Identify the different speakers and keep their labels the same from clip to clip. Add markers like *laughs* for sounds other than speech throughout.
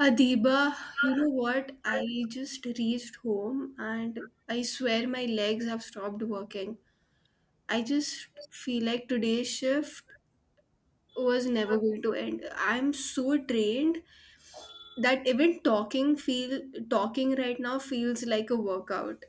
Speaker 1: Adiba, you know what? I just reached home and I swear my legs have stopped working. I just feel like today's shift was never going to end. I'm so trained that even talking right now feels like a workout.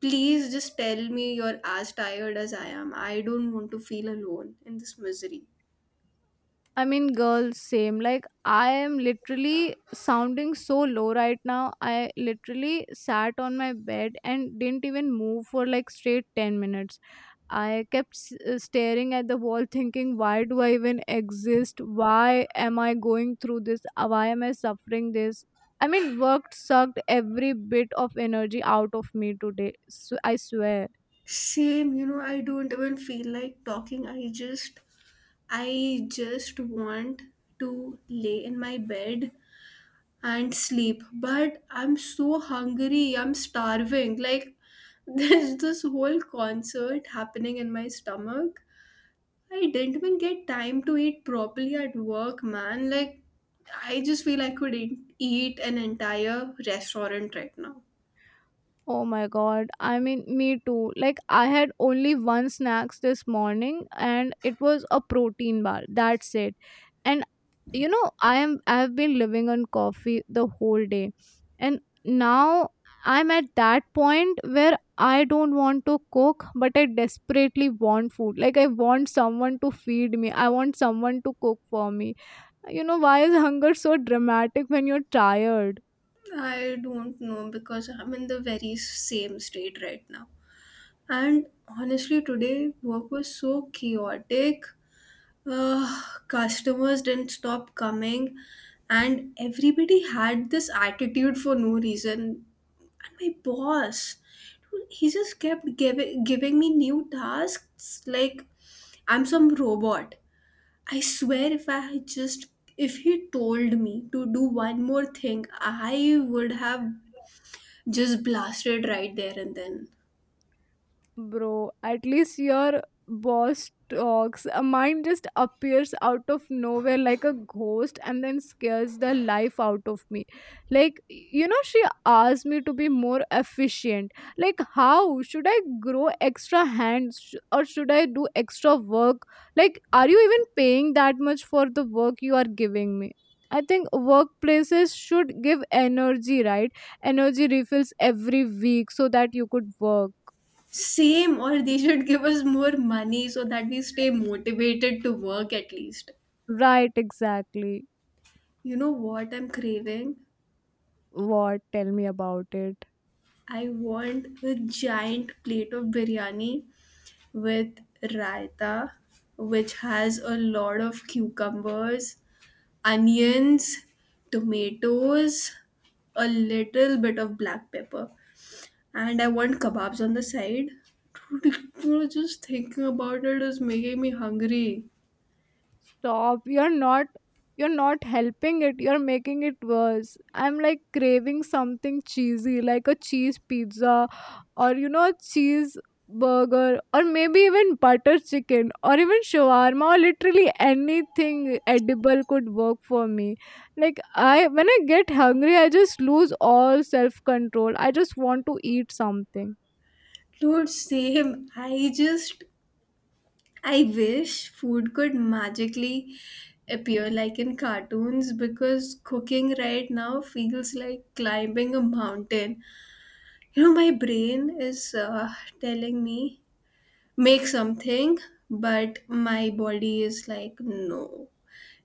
Speaker 1: Please just tell me you're as tired as I am. I don't want to feel alone in this misery.
Speaker 2: I mean, girls, same. Like, I am literally sounding so low right now. I literally sat on my bed and didn't even move for like straight 10 minutes. I kept staring at the wall, *laughs* thinking, why do I even exist? Why am I going through this? Why am I suffering this? I mean, work sucked every bit of energy out of me today. So I swear.
Speaker 1: Same, you know, I don't even feel like talking. I just want to lay in my bed and sleep, but I'm so hungry, I'm starving. Like, *laughs* there's this whole concert happening in my stomach. I didn't even get time to eat properly at work, man. Like, I just feel I could eat an entire restaurant right now.
Speaker 2: Oh my God. I mean, me too. Like, I had only one snacks this morning and it was a protein bar. That's it. And you know, I have been living on coffee the whole day. And now I'm at that point where I don't want to cook, but I desperately want food. Like, I want someone to feed me. I want someone to cook for me. You know, why is hunger so dramatic when you're tired?
Speaker 1: I don't know because I'm in the very same state right now. And honestly, today work was so chaotic. uh, Customers didn't stop coming and everybody had this attitude for no reason, and my boss, dude, he just kept giving me new tasks like I'm some robot. I swear, if I had just if he told me to do one more thing, I would have just blasted right there and then.
Speaker 2: Bro, at least your boss talks. A mine just appears out of nowhere like a ghost and then scares the life out of me. Like, you know, she asked me to be more efficient. Like, how? Should I grow extra hands or should I do extra work? Like, are you even paying that much for the work you are giving me? I think workplaces should give energy, right? Energy refills every week so that you could work.
Speaker 1: Same, or they should give us more money so that we stay motivated to work at least.
Speaker 2: Right, exactly.
Speaker 1: You know what I'm craving?
Speaker 2: What? Tell me about it.
Speaker 1: I want a giant plate of biryani with raita, which has a lot of cucumbers, onions, tomatoes, a little bit of black pepper. And I want kebabs on the side. Dude, *laughs* you know, just thinking about it is making me hungry.
Speaker 2: Stop, you're not helping it, you're making it worse. I'm like craving something cheesy, like a cheese pizza, or you know, a cheese burger, or maybe even butter chicken, or even shawarma, or literally anything edible could work for me. Like, I when I get hungry, I just lose all self control. I just want to eat something.
Speaker 1: Dude, same. I wish food could magically appear like in cartoons, because cooking right now feels like climbing a mountain. You know, my brain is telling me, make something, but my body is like, no.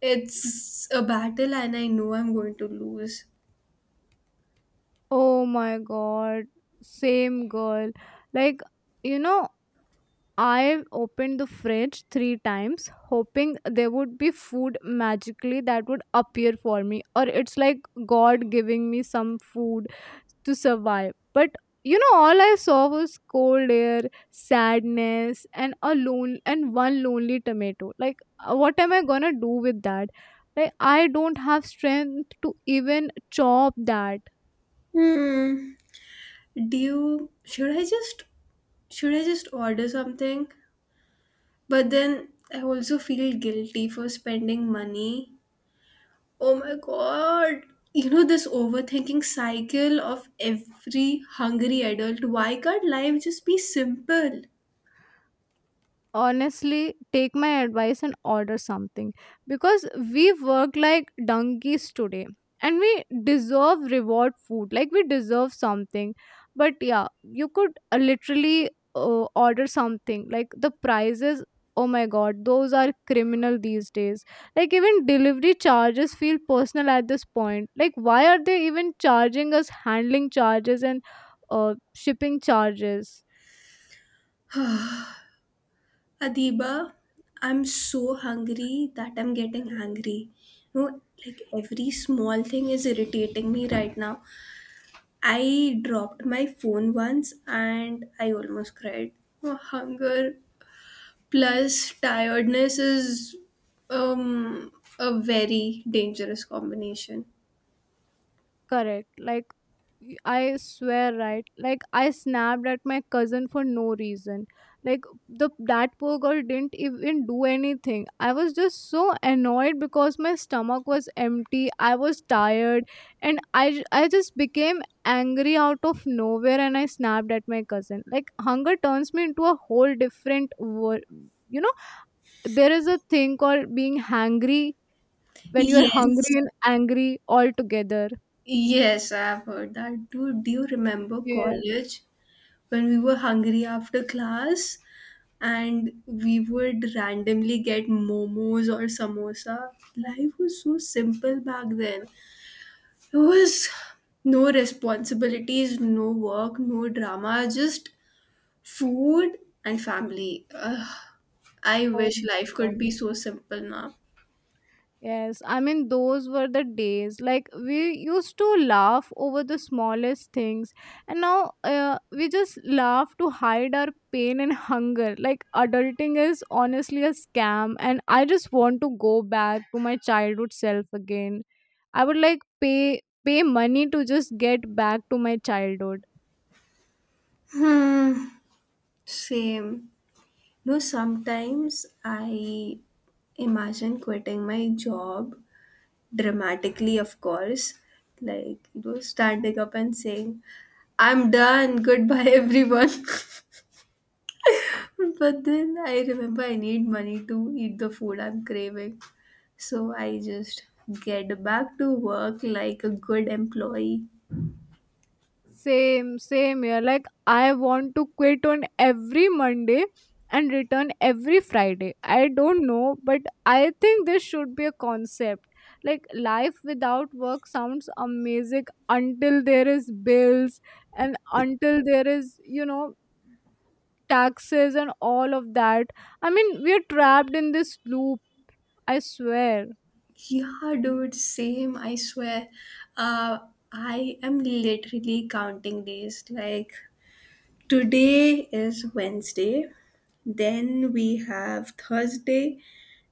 Speaker 1: It's a battle and I know I'm going to lose.
Speaker 2: Oh my God, same, girl. Like, you know, I opened the fridge three times, hoping there would be food magically that would appear for me, or it's like God giving me some food to survive. But you know, all I saw was cold air, sadness, and a lone and one lonely tomato. Like, what am I gonna do with that? Like, I don't have strength to even chop that.
Speaker 1: Hmm. Should I just order something? But then I also feel guilty for spending money. Oh my god. You know, this overthinking cycle of every hungry adult. Why can't life just be simple?
Speaker 2: Honestly, take my advice and order something, because we work like donkeys today and we deserve reward food. Like, we deserve something. But yeah, you could literally order something. Like, the prices, oh my God, those are criminal these days. Like, even delivery charges feel personal at this point. Like, why are they even charging us handling charges and shipping charges?
Speaker 1: Adiba, I'm so hungry that I'm getting angry. You know, like every small thing is irritating me right now. I dropped my phone once and I almost cried. Oh, hunger plus tiredness is um a very dangerous combination.
Speaker 2: Correct. Like, I swear, right? Like, I snapped at my cousin for no reason. Like, the that poor girl didn't even do anything. I was just so annoyed because my stomach was empty. I was tired, and I just became angry out of nowhere, and I snapped at my cousin. Like, hunger turns me into a whole different world. You know, there is a thing called being hangry, when you are
Speaker 1: Yes.
Speaker 2: hungry and angry all together.
Speaker 1: Yes, I've heard that. Dude, do you remember
Speaker 2: Yes.
Speaker 1: college, when we were hungry after class and we would randomly get momos or samosa? Life was so simple back then. There was no responsibilities, no work, no drama, just food and family. Ugh, I
Speaker 2: Oh
Speaker 1: wish
Speaker 2: my
Speaker 1: life
Speaker 2: God.
Speaker 1: could be so simple now.
Speaker 2: Yes, I mean, those were the days. Like, we used to laugh over the smallest things, and now we just laugh to hide our pain and hunger. Like, adulting is honestly a scam, and I just want to go back to my childhood self again. I would like pay money to just get back to my childhood.
Speaker 1: Hmm, same. No, sometimes I imagine quitting my job, dramatically, of course, like, you know, standing up and saying, I'm done, goodbye, everyone. *laughs* But then I remember I need money to eat the food I'm craving. So I just get back to work like a good employee.
Speaker 2: Same, same here. Like, I want to quit on every Monday and return every Friday. I don't know, but I think this should be a concept. Like, life without work sounds amazing until there is bills and until there is, you know, taxes and all of that. I mean, we are trapped in this loop, I swear.
Speaker 1: Yeah, dude, same, I swear. Uh, I am literally counting days. Like, today is Wednesday, then we have Thursday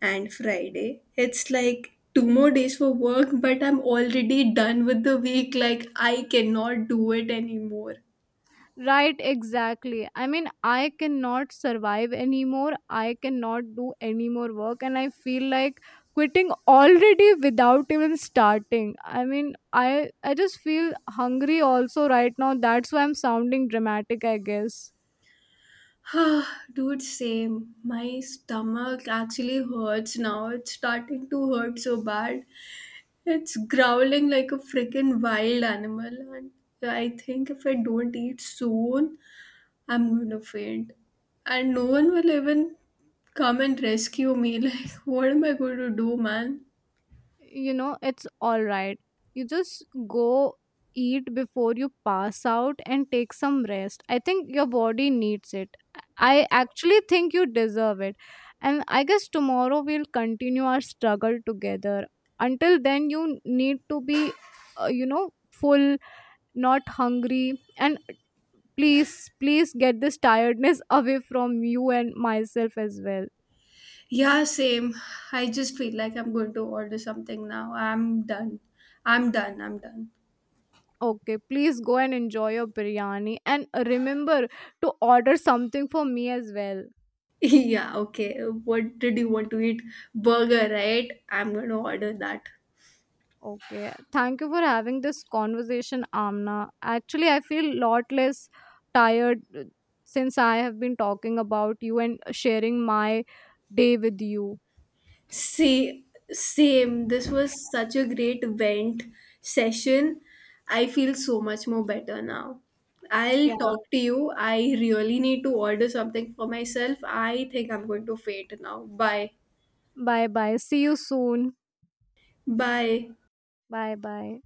Speaker 1: and Friday. It's like two more days for work, but I'm already done with the week. Like, I cannot do it anymore.
Speaker 2: Right, exactly. I mean, I cannot survive anymore. I cannot do any more work, and I feel like quitting already without even starting. I mean, I just feel hungry also right now. That's why I'm sounding dramatic, I guess.
Speaker 1: *sighs* Dude, same. My stomach actually hurts now. It's starting to hurt so bad. It's growling like a freaking wild animal. And I think if I don't eat soon, I'm gonna faint. And no one will even come and rescue me. *laughs* Like, what am I going to do, man?
Speaker 2: You know, it's all right. You just go eat before you pass out and take some rest. I think your body needs it. I actually think you deserve it. And I guess tomorrow we'll continue our struggle together. Until then, you need to be, you know, full, not hungry, and please get this tiredness *laughs* away from you and myself as well.
Speaker 1: Yeah, same. I just feel like I'm going to order something now. I'm done. I'm done. I'm done.
Speaker 2: Okay, please go and enjoy your biryani and remember to order something for me as well.
Speaker 1: *laughs* Yeah, okay. What did you want to eat? Burger, right? I'm gonna order that.
Speaker 2: Okay. Thank you for having this conversation, Amna. Actually, I feel lot less tired since I have been talking about you and sharing my day with you.
Speaker 1: Say, same. This was such a great vent session. I feel so much more better now. I'll
Speaker 2: Yeah.
Speaker 1: talk to you. I really need to order something for myself. I think I'm going to faint now. Bye.
Speaker 2: Bye bye. See you soon.
Speaker 1: Bye.
Speaker 2: Bye bye.